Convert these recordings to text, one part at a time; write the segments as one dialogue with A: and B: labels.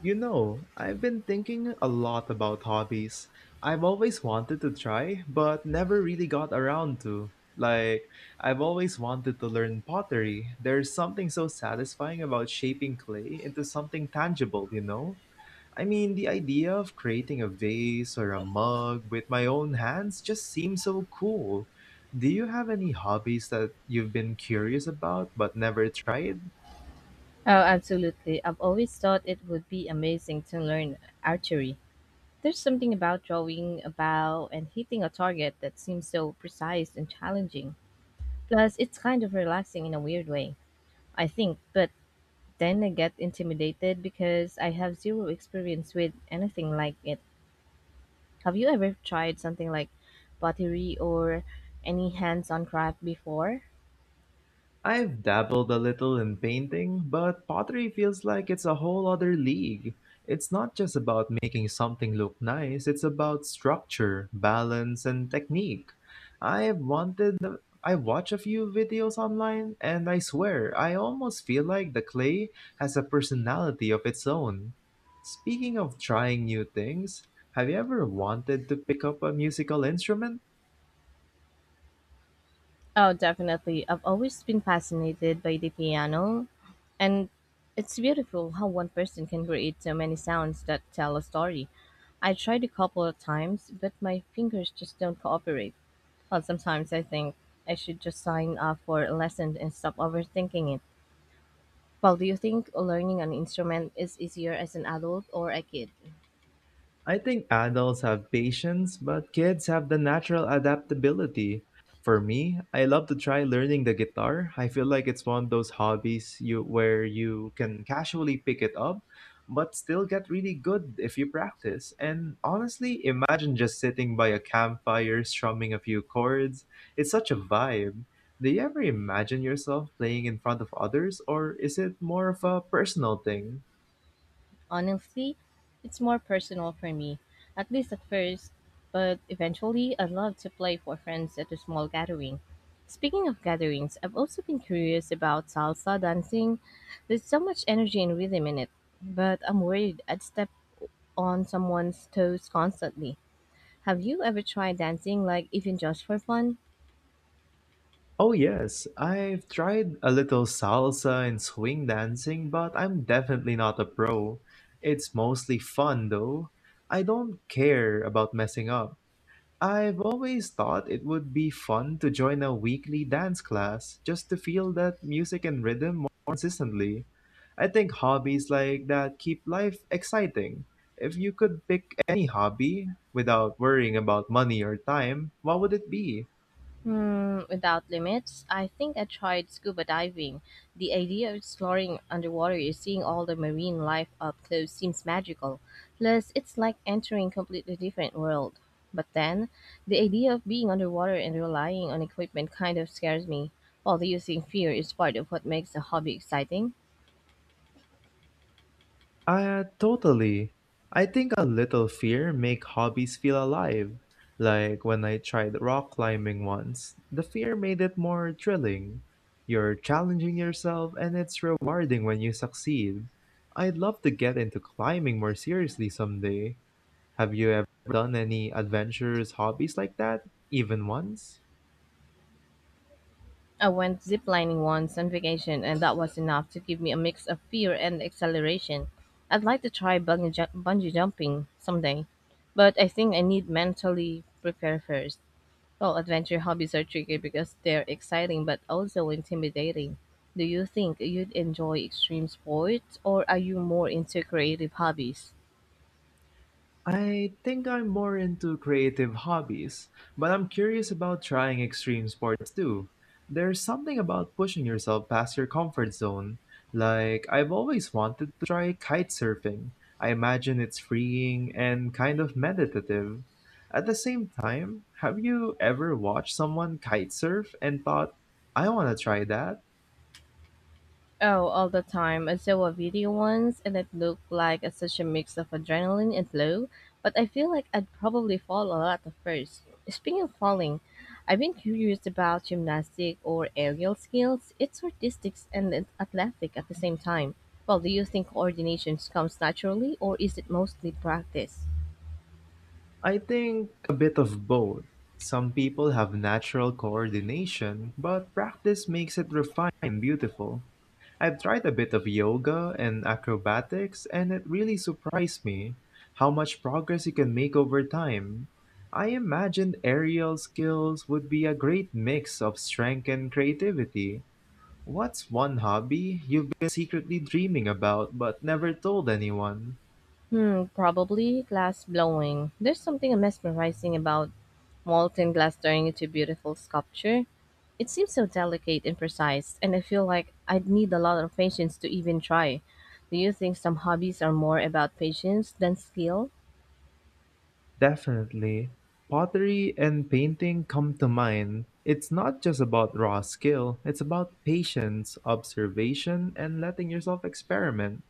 A: You know, I've been thinking a lot about hobbies. I've always wanted to try, but never really got around to. I've always wanted to learn pottery. There's something so satisfying about shaping clay into something tangible, you know? The idea of creating a vase or a mug with my own hands just seems so cool. Do you have any hobbies that you've been curious about but never tried?
B: Oh, absolutely. I've always thought it would be amazing to learn archery. There's something about drawing a bow and hitting a target that seems so precise and challenging. Plus, it's kind of relaxing in a weird way, I think, but then I get intimidated because I have zero experience with anything like it. Have you ever tried something like pottery or any hands on craft before?
A: I've dabbled a little in painting, but pottery feels like it's a whole other league. It's not just about making something look nice, it's about structure, balance, and technique. I've wanted I watch a few videos online and I swear I almost feel like the clay has a personality of its own. Speaking of trying new things, have you ever wanted to pick up a musical instrument?
B: Oh, definitely. I've always been fascinated by the piano, and it's beautiful how one person can create so many sounds that tell a story. I tried a couple of times, but my fingers just don't cooperate. Well, sometimes I think I should just sign up for a lesson and stop overthinking it. Well, do you think learning an instrument is easier as an adult or a kid?
A: I think adults have patience, but kids have the natural adaptability. For me, I love to try learning the guitar. I feel like it's one of those hobbies you where you can casually pick it up, but still get really good if you practice. And honestly, imagine just sitting by a campfire strumming a few chords. It's such a vibe. Do you ever imagine yourself playing in front of others, or is it more of a personal thing?
B: Honestly, it's more personal for me, at least at first, but eventually I'd love to play for friends at a small gathering. Speaking of gatherings, I've also been curious about salsa dancing. There's so much energy and rhythm in it, but I'm worried I'd step on someone's toes constantly. Have you ever tried dancing, like even just for fun?
A: Oh, yes, I've tried a little salsa and swing dancing, but I'm definitely not a pro. It's mostly fun, though. I don't care about messing up. I've always thought it would be fun to join a weekly dance class just to feel that music and rhythm more consistently. I think hobbies like that keep life exciting. If you could pick any hobby without worrying about money or time, what would it be?
B: Hmm, without limits, I think I tried scuba diving. The idea of exploring underwater and seeing all the marine life up close seems magical. Plus, it's like entering a completely different world. But then, the idea of being underwater and relying on equipment kind of scares me. While do you think fear is part of what makes a hobby exciting?
A: Totally. I think a little fear make hobbies feel alive. Like when I tried rock climbing once, the fear made it more thrilling. You're challenging yourself and it's rewarding when you succeed. I'd love to get into climbing more seriously someday. Have you ever done any adventurous hobbies like that? Even once?
B: I went ziplining once on vacation, and that was enough to give me a mix of fear and exhilaration. I'd like to try bungee jumping someday, but I think I need mentally prepare first. Well, adventure hobbies are tricky because they're exciting but also intimidating. Do you think you'd enjoy extreme sports, or are you more into creative hobbies?
A: I think I'm more into creative hobbies, but I'm curious about trying extreme sports too. There's something about pushing yourself past your comfort zone. I've always wanted to try kite surfing. I imagine it's freeing and kind of meditative. At the same time, have you ever watched someone kite surf and thought, I want to try that?
B: Oh, all the time. I saw a video once and it looked like such a mix of adrenaline and flow, but I feel like I'd probably fall a lot at first. Speaking of falling, I've been curious about gymnastic or aerial skills. It's artistic and athletic at the same time. Well, do you think coordination comes naturally or is it mostly practice?
A: I think a bit of both. Some people have natural coordination, but practice makes it refined and beautiful. I've tried a bit of yoga and acrobatics, and it really surprised me how much progress you can make over time. I imagined aerial skills would be a great mix of strength and creativity. What's one hobby you've been secretly dreaming about but never told anyone?
B: Hmm, probably glass blowing. There's something mesmerizing about molten glass turning into beautiful sculpture. It seems so delicate and precise, and I feel like I'd need a lot of patience to even try. Do you think some hobbies are more about patience than skill?
A: Definitely. Pottery and painting come to mind. It's not just about raw skill, it's about patience, observation, and letting yourself experiment.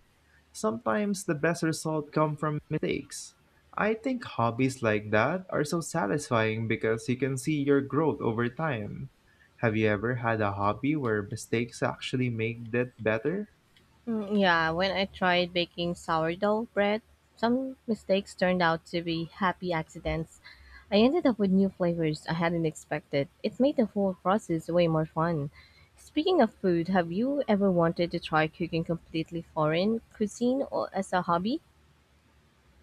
A: Sometimes the best result come from mistakes. I think hobbies like that are so satisfying because you can see your growth over time. Have you ever had a hobby where mistakes actually made it better?
B: Mm, yeah, when I tried baking sourdough bread, some mistakes turned out to be happy accidents. I ended up with new flavors I hadn't expected. It made the whole process way more fun. Speaking of food, have you ever wanted to try cooking completely foreign cuisine or as a hobby?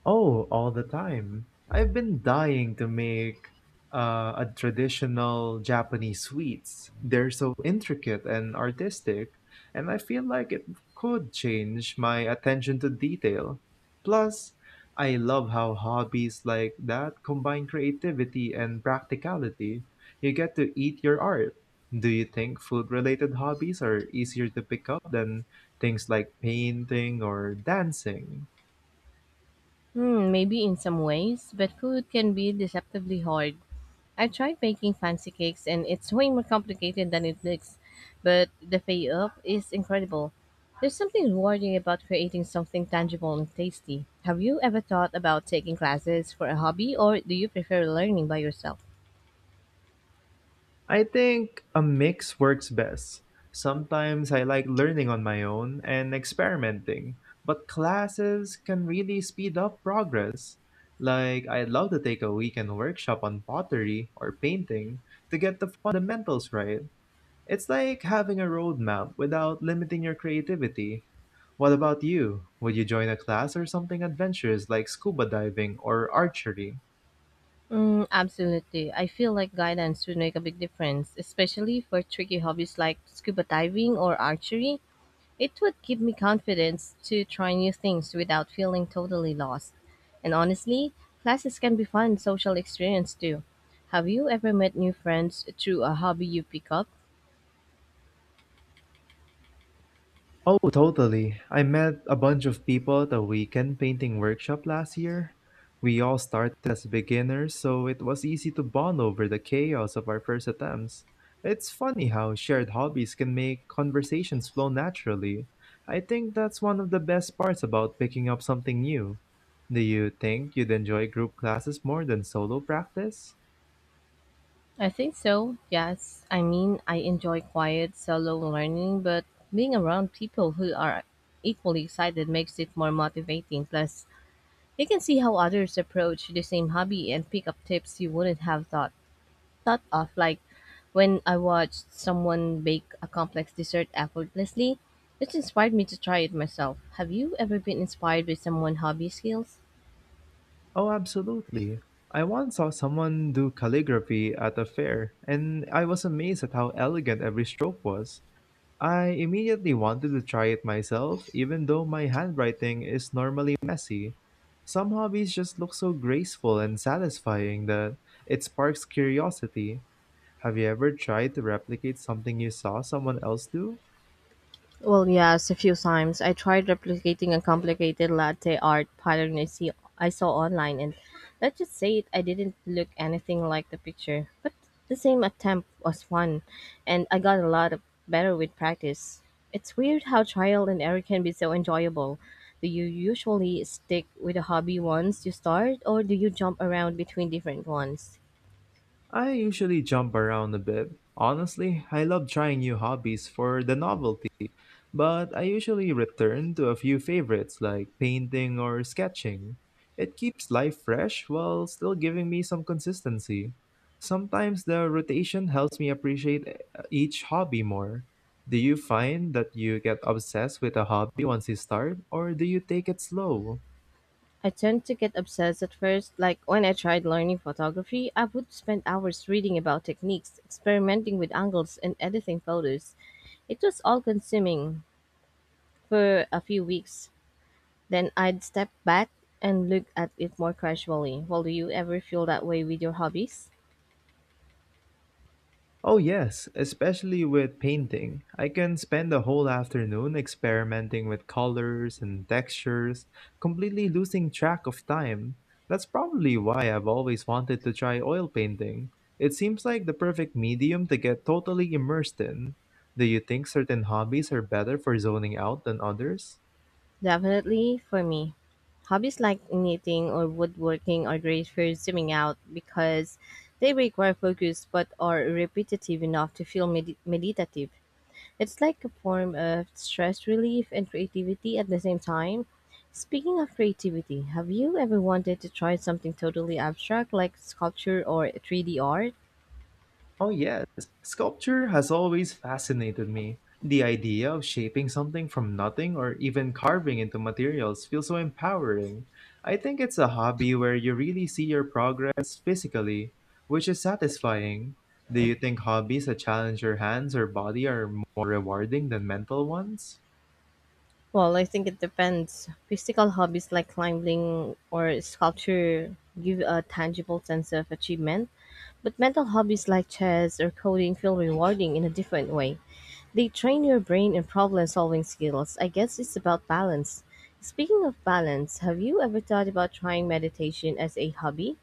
A: Oh, all the time. I've been dying to make a traditional Japanese sweets. They're so intricate and artistic, and I feel like it could change my attention to detail. Plus, I love how hobbies like that combine creativity and practicality. You get to eat your art. Do you think food-related hobbies are easier to pick up than things like painting or dancing?
B: Hmm, maybe in some ways, but food can be deceptively hard. I tried baking fancy cakes and it's way more complicated than it looks, but the payoff is incredible. There's something rewarding about creating something tangible and tasty. Have you ever thought about taking classes for a hobby or do you prefer learning by yourself?
A: I think a mix works best. Sometimes I like learning on my own and experimenting, but classes can really speed up progress. I'd love to take a weekend workshop on pottery or painting to get the fundamentals right. It's like having a roadmap without limiting your creativity. What about you? Would you join a class or something adventurous like scuba diving or archery?
B: Mm, absolutely. I feel like guidance would make a big difference, especially for tricky hobbies like scuba diving or archery. It would give me confidence to try new things without feeling totally lost. And honestly, classes can be fun social experience too. Have you ever met new friends through a hobby you pick up?
A: Oh, totally. I met a bunch of people at a weekend painting workshop last year. We all started as beginners, so it was easy to bond over the chaos of our first attempts. It's funny how shared hobbies can make conversations flow naturally. I think that's one of the best parts about picking up something new. Do you think you'd enjoy group classes more than solo practice?
B: I think so, yes. I mean, I enjoy quiet, solo learning, but being around people who are equally excited makes it more motivating. Plus, you can see how others approach the same hobby and pick up tips you wouldn't have thought of, like when I watched someone bake a complex dessert effortlessly. It inspired me to try it myself. Have you ever been inspired by someone's hobby skills?
A: Oh, absolutely. I once saw someone do calligraphy at a fair, and I was amazed at how elegant every stroke was. I immediately wanted to try it myself, even though my handwriting is normally messy. Some hobbies just look so graceful and satisfying that it sparks curiosity. Have you ever tried to replicate something you saw someone else do?
B: Well, yes, a few times. I tried replicating a complicated latte art pattern I saw online, and let's just say it, I didn't look anything like the picture. But the same attempt was fun, and I got a lot of better with practice. It's weird how trial and error can be so enjoyable. Do you usually stick with a hobby once you start, or do you jump around between different ones?
A: I usually jump around a bit. Honestly, I love trying new hobbies for the novelty, but I usually return to a few favorites like painting or sketching. It keeps life fresh while still giving me some consistency. Sometimes the rotation helps me appreciate each hobby more. Do you find that you get obsessed with a hobby once you start, or do you take it slow?
B: I tend to get obsessed at first. Like when I tried learning photography, I would spend hours reading about techniques, experimenting with angles, and editing photos. It was all consuming for a few weeks. Then I'd step back and look at it more casually. Well, do you ever feel that way with your hobbies?
A: Oh, yes, especially with painting. I can spend a whole afternoon experimenting with colors and textures, completely losing track of time. That's probably why I've always wanted to try oil painting. It seems like the perfect medium to get totally immersed in. Do you think certain hobbies are better for zoning out than others?
B: Definitely for me. Hobbies like knitting or woodworking are great for zooming out because they require focus but are repetitive enough to feel meditative. It's like a form of stress relief and creativity at the same time. Speaking of creativity, have you ever wanted to try something totally abstract like sculpture or 3D art?
A: Oh, yes. Sculpture has always fascinated me. The idea of shaping something from nothing or even carving into materials feels so empowering. I think it's a hobby where you really see your progress physically, which is satisfying. Do you think hobbies that challenge your hands or body are more rewarding than mental ones?
B: Well, I think it depends. Physical hobbies like climbing or sculpture give a tangible sense of achievement, but mental hobbies like chess or coding feel rewarding in a different way. They train your brain and problem-solving skills. I guess it's about balance. Speaking of balance, have you ever thought about trying meditation as a hobby?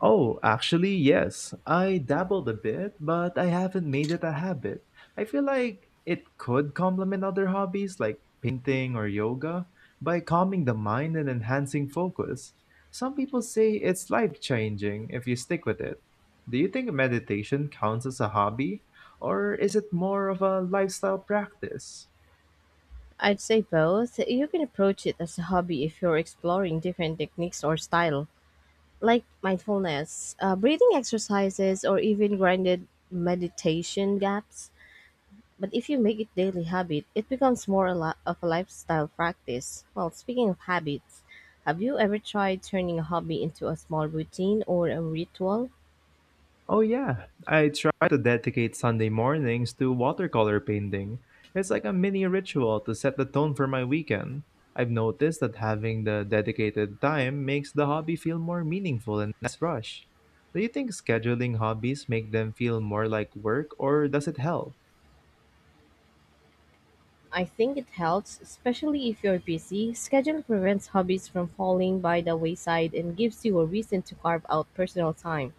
A: Oh, actually, yes. I dabbled a bit, but I haven't made it a habit. I feel like it could complement other hobbies like painting or yoga by calming the mind and enhancing focus. Some people say it's life changing if you stick with it. Do you think meditation counts as a hobby, or is it more of a lifestyle practice?
B: I'd say both. You can approach it as a hobby if you're exploring different techniques or style, like mindfulness, breathing exercises, or even grounded meditation gaps. But if you make it daily habit, it becomes more a lot of a lifestyle practice. Well, speaking of habits, have you ever tried turning a hobby into a small routine or a ritual?
A: Oh yeah, I try to dedicate Sunday mornings to watercolor painting. It's like a mini ritual to set the tone for my weekend. I've noticed that having the dedicated time makes the hobby feel more meaningful and less rushed. Do you think scheduling hobbies make them feel more like work or does it help?
B: I think it helps, especially if you're busy. Schedule prevents hobbies from falling by the wayside and gives you a reason to carve out personal time.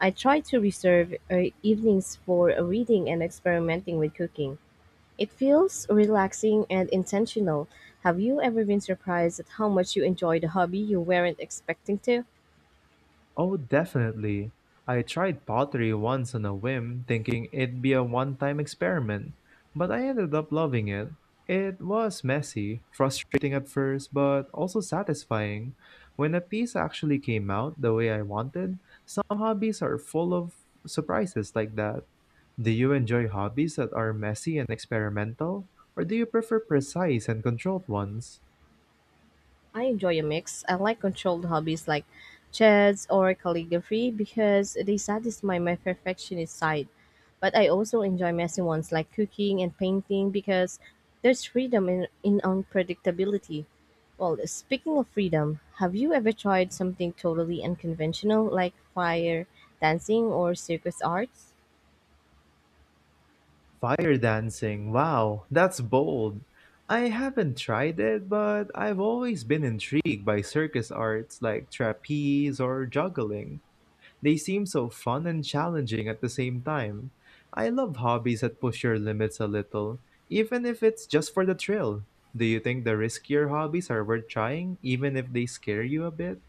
B: I try to reserve evenings for reading and experimenting with cooking. It feels relaxing and intentional. Have you ever been surprised at how much you enjoyed a hobby you weren't expecting to?
A: Oh, definitely. I tried pottery once on a whim, thinking it'd be a one time experiment, but I ended up loving it. It was messy, frustrating at first, but also satisfying. When a piece actually came out the way I wanted, some hobbies are full of surprises like that. Do you enjoy hobbies that are messy and experimental, or do you prefer precise and controlled ones?
B: I enjoy a mix. I like controlled hobbies like chess or calligraphy because they satisfy my perfectionist side. But I also enjoy messy ones like cooking and painting because there's freedom in unpredictability. Well, speaking of freedom, have you ever tried something totally unconventional like fire dancing or circus arts?
A: Fire dancing. Wow, that's bold. I haven't tried it, but I've always been intrigued by circus arts like trapeze or juggling. They seem so fun and challenging at the same time. I love hobbies that push your limits a little, even if it's just for the thrill. Do you think the riskier hobbies are worth trying, even if they scare you a bit?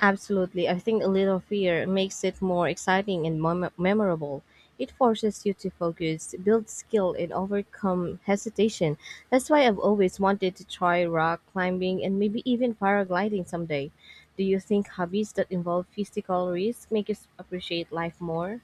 B: Absolutely. I think a little fear makes it more exciting and memorable. It forces you to focus, build skill, and overcome hesitation. That's why I've always wanted to try rock climbing and maybe even paragliding someday. Do you think hobbies that involve physical risk make us appreciate life more?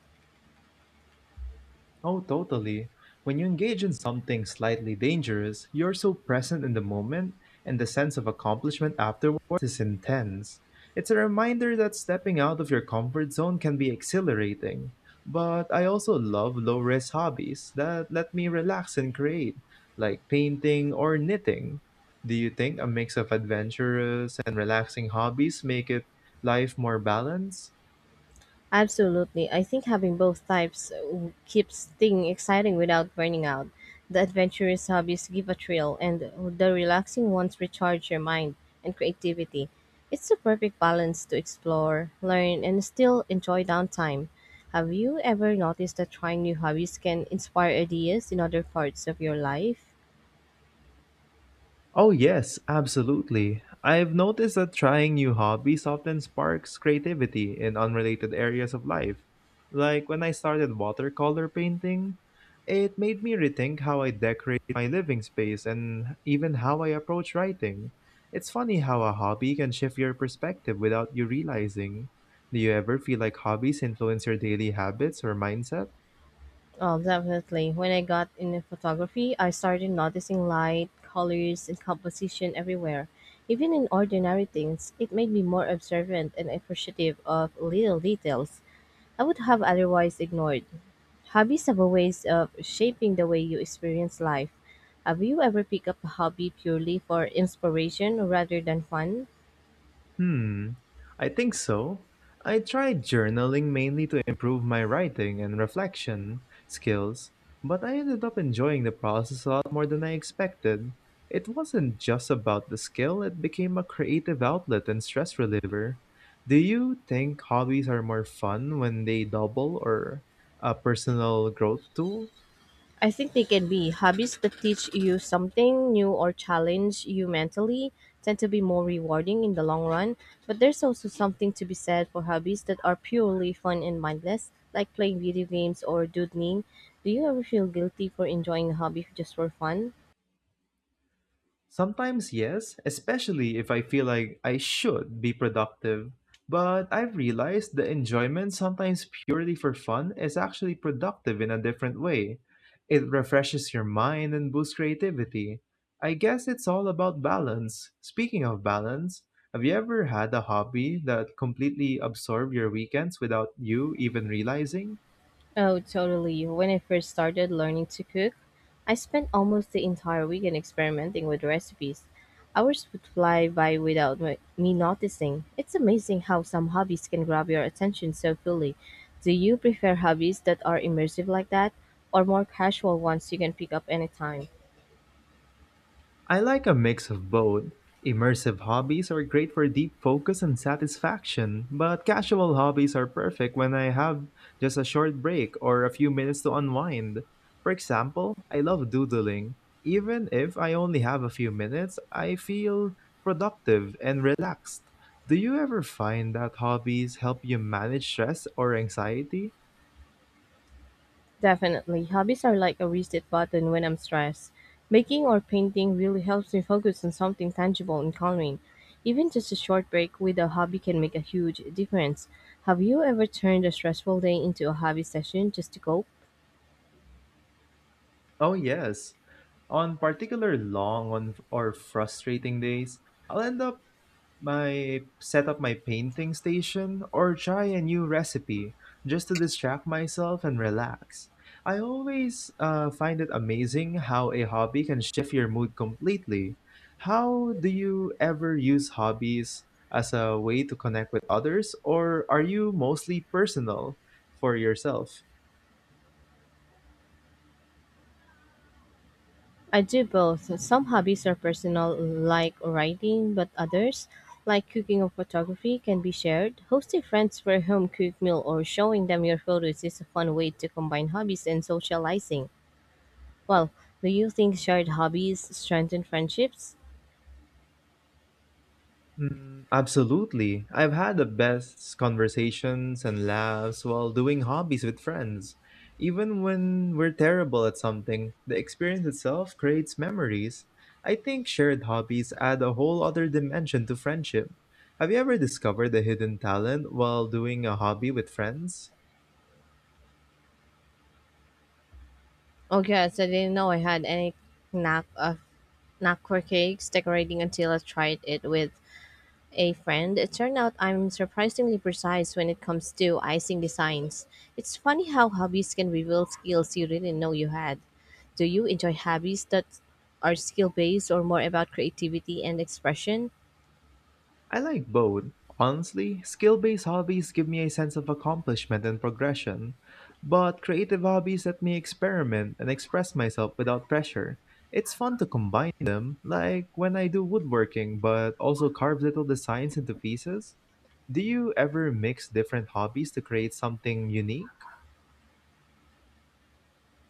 A: Oh, totally. When you engage in something slightly dangerous, you're so present in the moment, and the sense of accomplishment afterwards is intense. It's a reminder that stepping out of your comfort zone can be exhilarating. But I also love low risk hobbies that let me relax and create, like painting or knitting. Do you think a mix of adventurous and relaxing hobbies make it life more balanced?
B: Absolutely. I think having both types keeps things exciting without burning out. The adventurous hobbies give a thrill, and the relaxing ones recharge your mind and creativity. It's the perfect balance to explore, learn, and still enjoy downtime. Have you ever noticed that trying new hobbies can inspire ideas in other parts of your life?
A: Oh, yes, absolutely. I've noticed that trying new hobbies often sparks creativity in unrelated areas of life. Like when I started watercolor painting, it made me rethink how I decorate my living space and even how I approach writing. It's funny how a hobby can shift your perspective without you realizing. Do you ever feel like hobbies influence your daily habits or mindset?
B: Oh, definitely. When I got into photography, I started noticing light, colors, and composition everywhere. Even in ordinary things, it made me more observant and appreciative of little details I would have otherwise ignored. Hobbies have a ways of shaping the way you experience life. Have you ever picked up a hobby purely for inspiration rather than fun?
A: Hmm, I think so. I tried journaling mainly to improve my writing and reflection skills, but I ended up enjoying the process a lot more than I expected. It wasn't just about the skill, it became a creative outlet and stress reliever. Do you think hobbies are more fun when they double or a personal growth tool?
B: I think they can be. Hobbies that teach you something new or challenge you mentally tend to be more rewarding in the long run, but there's also something to be said for hobbies that are purely fun and mindless, like playing video games or doodling. Do you ever feel guilty for enjoying a hobby just for fun?
A: Sometimes, yes, especially if I feel like I should be productive. But I've realized the enjoyment, sometimes purely for fun, is actually productive in a different way. It refreshes your mind and boosts creativity. I guess it's all about balance. Speaking of balance, have you ever had a hobby that completely absorbed your weekends without you even realizing?
B: Oh, totally. When I first started learning to cook, I spent almost the entire weekend experimenting with recipes. Hours would fly by without me noticing. It's amazing how some hobbies can grab your attention so fully. Do you prefer hobbies that are immersive like that, or more casual ones you can pick up anytime?
A: I like a mix of both. Immersive hobbies are great for deep focus and satisfaction, but casual hobbies are perfect when I have just a short break or a few minutes to unwind. For example, I love doodling. Even if I only have a few minutes, I feel productive and relaxed. Do you ever find that hobbies help you manage stress or anxiety?
B: Definitely. Hobbies are like a reset button when I'm stressed. Baking or painting really helps me focus on something tangible and calming. Even just a short break with a hobby can make a huge difference. Have you ever turned a stressful day into a hobby session just to cope?
A: Oh, yes. On particular long on, or frustrating days, I'll end up my set up my painting station or try a new recipe just to distract myself and relax. I always find it amazing how a hobby can shift your mood completely. How do you ever use hobbies as a way to connect with others, or are you mostly personal for yourself?
B: I do both. Some hobbies are personal, like writing, but others, like cooking or photography, can be shared. Hosting friends for a home cooked meal or showing them your photos is a fun way to combine hobbies and socializing. Well, do you think shared hobbies strengthen friendships?
A: Mm, absolutely. I've had the best conversations and laughs while doing hobbies with friends. Even when we're terrible at something, the experience itself creates memories. I think shared hobbies add a whole other dimension to friendship. Have you ever discovered a hidden talent while doing a hobby with friends?
B: Oh, yes, I didn't know I had any knack of knack for cakes decorating until I tried it with a friend. It turned out I'm surprisingly precise when it comes to icing designs. It's funny how hobbies can reveal skills you didn't know you had. Do you enjoy hobbies that are skill based or more about creativity and expression?
A: I like both. Honestly, skill based hobbies give me a sense of accomplishment and progression, but creative hobbies let me experiment and express myself without pressure. It's fun to combine them, like when I do woodworking but also carve little designs into pieces. Do you ever mix different hobbies to create something unique?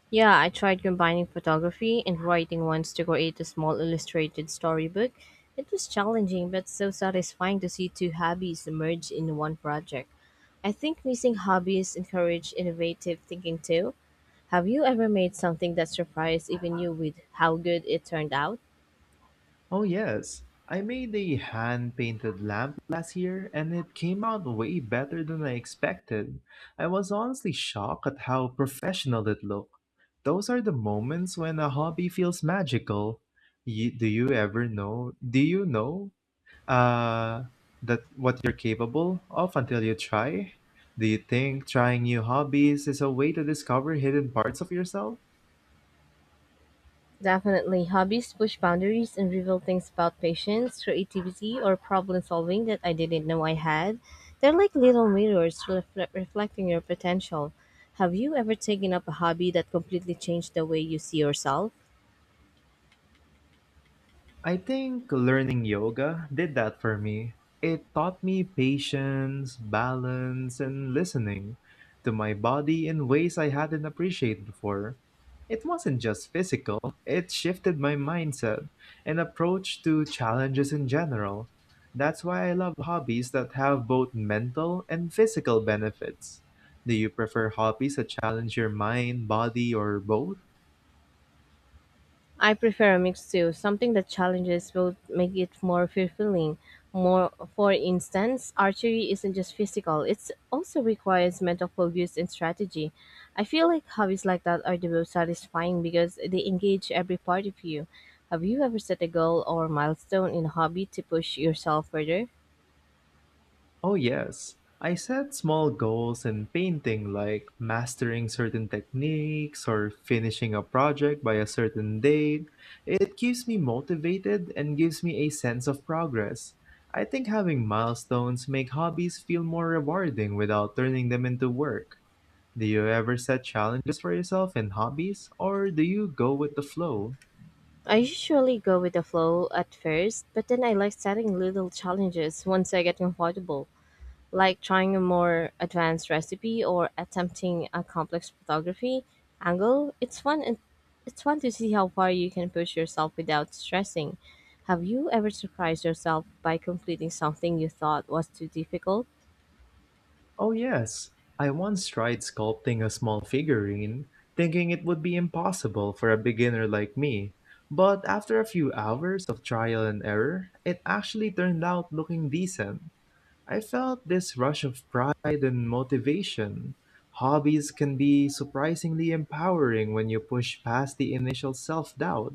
B: Yeah, I tried combining photography and writing once to create a small illustrated storybook. It was challenging, but so satisfying to see two hobbies merge in one project. I think mixing hobbies encourage innovative thinking too. Have you ever made something that surprised even you with how good it turned out?
A: Oh, yes. I made a hand painted lamp last year and it came out way better than I expected. I was honestly shocked at how professional it looked. Those are the moments when a hobby feels magical. You, do you ever know? Do you know uh, that what you're capable of until you try? Do you think trying new hobbies is a way to discover hidden parts of yourself?
B: Definitely, hobbies push boundaries and reveal things about patience, creativity, or problem solving that I didn't know I had. They're like little mirrors reflecting your potential. Have you ever taken up a hobby that completely changed the way you see yourself?
A: I think learning yoga did that for me. It taught me patience, balance, and listening to my body in ways I hadn't appreciated before. It wasn't just physical, it shifted my mindset and approach to challenges in general. That's why I love hobbies that have both mental and physical benefits. Do you prefer hobbies that challenge your mind, body, or both?
B: I prefer a mix too. Something that challenges will make it more fulfilling. More, for instance, archery isn't just physical; it also requires mental focus and strategy. I feel like hobbies like that are the most satisfying because they engage every part of you. Have you ever set a goal or milestone in a hobby to push yourself further?
A: Oh, yes. I set small goals in painting, like mastering certain techniques or finishing a project by a certain date. It keeps me motivated and gives me a sense of progress. I think having milestones make hobbies feel more rewarding without turning them into work. Do you ever set challenges for yourself in hobbies, or do you go with the flow?
B: I usually go with the flow at first, but then I like setting little challenges once I get comfortable. Like trying a more advanced recipe or attempting a complex photography angle. It's fun to see how far you can push yourself without stressing. Have you ever surprised yourself by completing something you thought was too difficult?
A: Oh, yes. I once tried sculpting a small figurine, thinking it would be impossible for a beginner like me. But after a few hours of trial and error, it actually turned out looking decent. I felt this rush of pride and motivation. Hobbies can be surprisingly empowering when you push past the initial self doubt.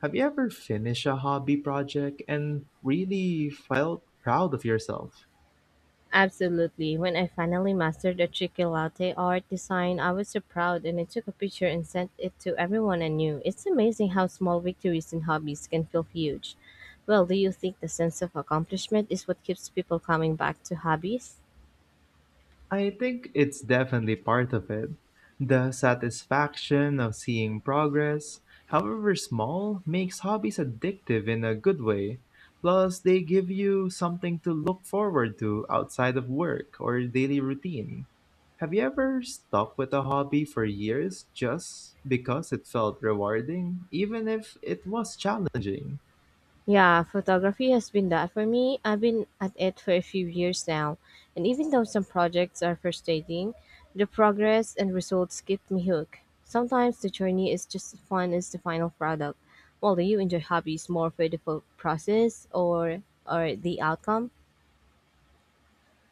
A: Have you ever finished a hobby project and really felt proud of yourself?
B: Absolutely. When I finally mastered the tricky latte art design, I was so proud and I took a picture and sent it to everyone I knew. It's amazing how small victories in hobbies can feel huge. Well, do you think the sense of accomplishment is what keeps people coming back to hobbies?
A: I think it's definitely part of it. The satisfaction of seeing progress, however small, makes hobbies addictive in a good way. Plus, they give you something to look forward to outside of work or daily routine. Have you ever stuck with a hobby for years just because it felt rewarding, even if it was challenging?
B: Yeah, photography has been that for me. I've been at it for a few years now, and even though some projects are frustrating, the progress and results keep me hooked. Sometimes the journey is just as fun as the final product. Well, do you enjoy hobbies more for the process or the outcome?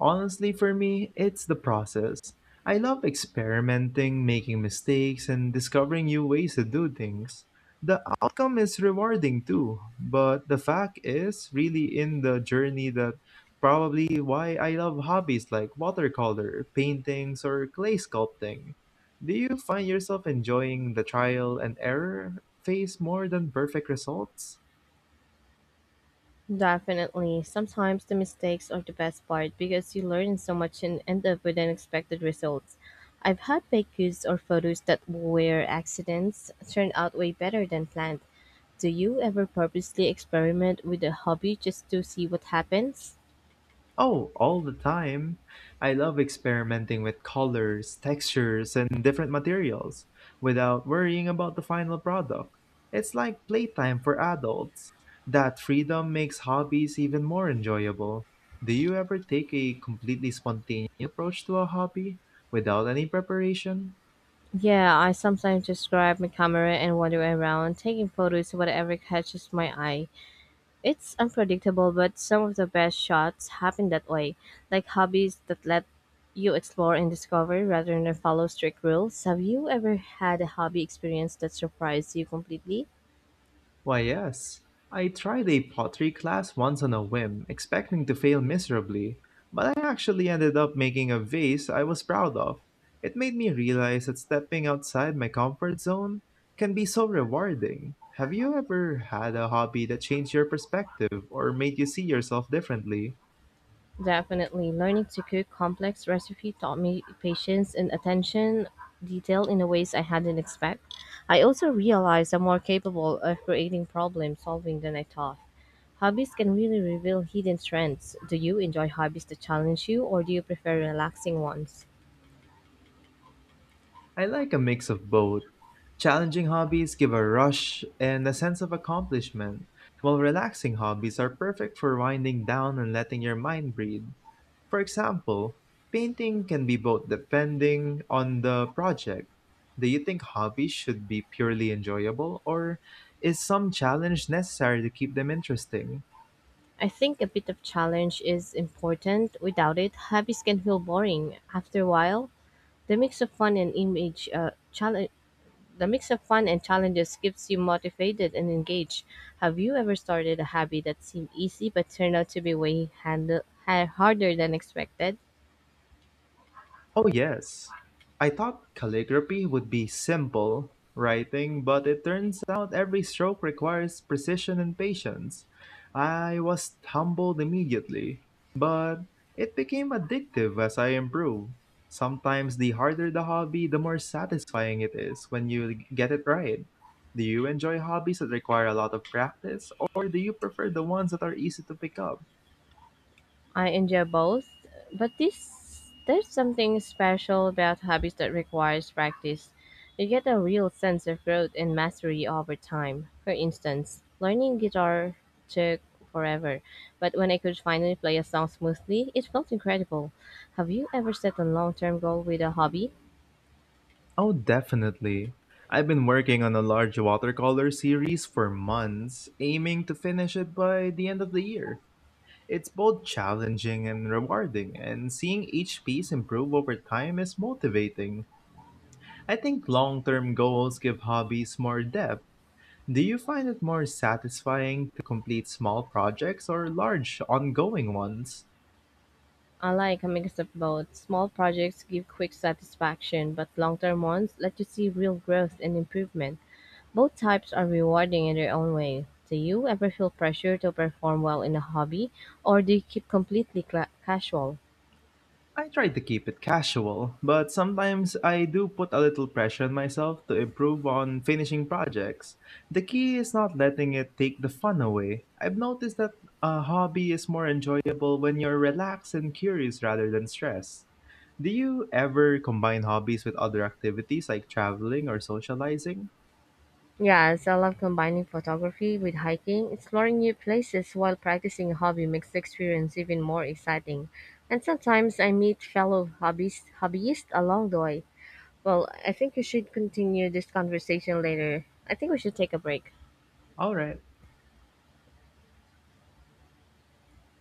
A: Honestly, for me, it's the process. I love experimenting, making mistakes, and discovering new ways to do things. The outcome is rewarding too, but the fact is really in the journey that probably why I love hobbies like watercolor, paintings, or clay sculpting. Do you find yourself enjoying the trial and error phase more than perfect results?
B: Definitely. Sometimes the mistakes are the best part because you learn so much and end up with unexpected results. I've had baked goods or photos that were accidents turn out way better than planned. Do you ever purposely experiment with a hobby just to see what happens?
A: Oh, all the time. I love experimenting with colors, textures, and different materials without worrying about the final product. It's like playtime for adults. That freedom makes hobbies even more enjoyable. Do you ever take a completely spontaneous approach to a hobby without any preparation?
B: Yeah, I sometimes just grab my camera and wander around, taking photos of whatever catches my eye. It's unpredictable, but some of the best shots happen that way, like hobbies that let you explore and discover rather than follow strict rules. Have you ever had a hobby experience that surprised you completely?
A: Why, yes. I tried a pottery class once on a whim, expecting to fail miserably, but I actually ended up making a vase I was proud of. It made me realize that stepping outside my comfort zone can be so rewarding. Have you ever had a hobby that changed your perspective or made you see yourself differently?
B: Definitely, learning to cook complex recipe taught me patience and attention detail in a ways I hadn't expect. I also realized I'm more capable of creating problem solving than I thought. Hobbies can really reveal hidden strengths. Do you enjoy hobbies that challenge you, or do you prefer relaxing ones?
A: I like a mix of both. Challenging hobbies give a rush and a sense of accomplishment, while relaxing hobbies are perfect for winding down and letting your mind breathe. For example, painting can be both depending on the project. Do you think hobbies should be purely enjoyable, or is some challenge necessary to keep them interesting?
B: I think a bit of challenge is important. Without it, hobbies can feel boring. After a while, the mix of fun and image uh, challenge The mix of fun and challenges keeps you motivated and engaged. Have you ever started a hobby that seemed easy but turned out to be way harder than expected?
A: Oh, yes. I thought calligraphy would be simple writing, but it turns out every stroke requires precision and patience. I was humbled immediately, but it became addictive as I improved. Sometimes the harder the hobby, the more satisfying it is when you get it right. Do you enjoy hobbies that require a lot of practice, or do you prefer the ones that are easy to pick up?
B: I enjoy both, but this there's something special about hobbies that requires practice. You get a real sense of growth and mastery over time. For instance, learning guitar took forever, but when I could finally play a song smoothly, it felt incredible. Have you ever set a long-term goal with a hobby?
A: Oh, definitely. I've been working on a large watercolor series for months, aiming to finish it by the end of the year. It's both challenging and rewarding, and seeing each piece improve over time is motivating. I think long term goals give hobbies more depth. Do you find it more satisfying to complete small projects or large, ongoing ones?
B: I like a mix of both. Small projects give quick satisfaction, but long-term ones let you see real growth and improvement. Both types are rewarding in their own way. Do you ever feel pressure to perform well in a hobby, or do you keep completely cla casual?
A: I try to keep it casual, but sometimes I do put a little pressure on myself to improve on finishing projects. The key is not letting it take the fun away. I've noticed that a hobby is more enjoyable when you're relaxed and curious rather than stressed. Do you ever combine hobbies with other activities like traveling or socializing?
B: Yes, I love combining photography with hiking. Exploring new places while practicing a hobby makes the experience even more exciting. And sometimes I meet fellow hobbyists along the way. Well, I think we should continue this conversation later. I think we should take a break.
A: All right.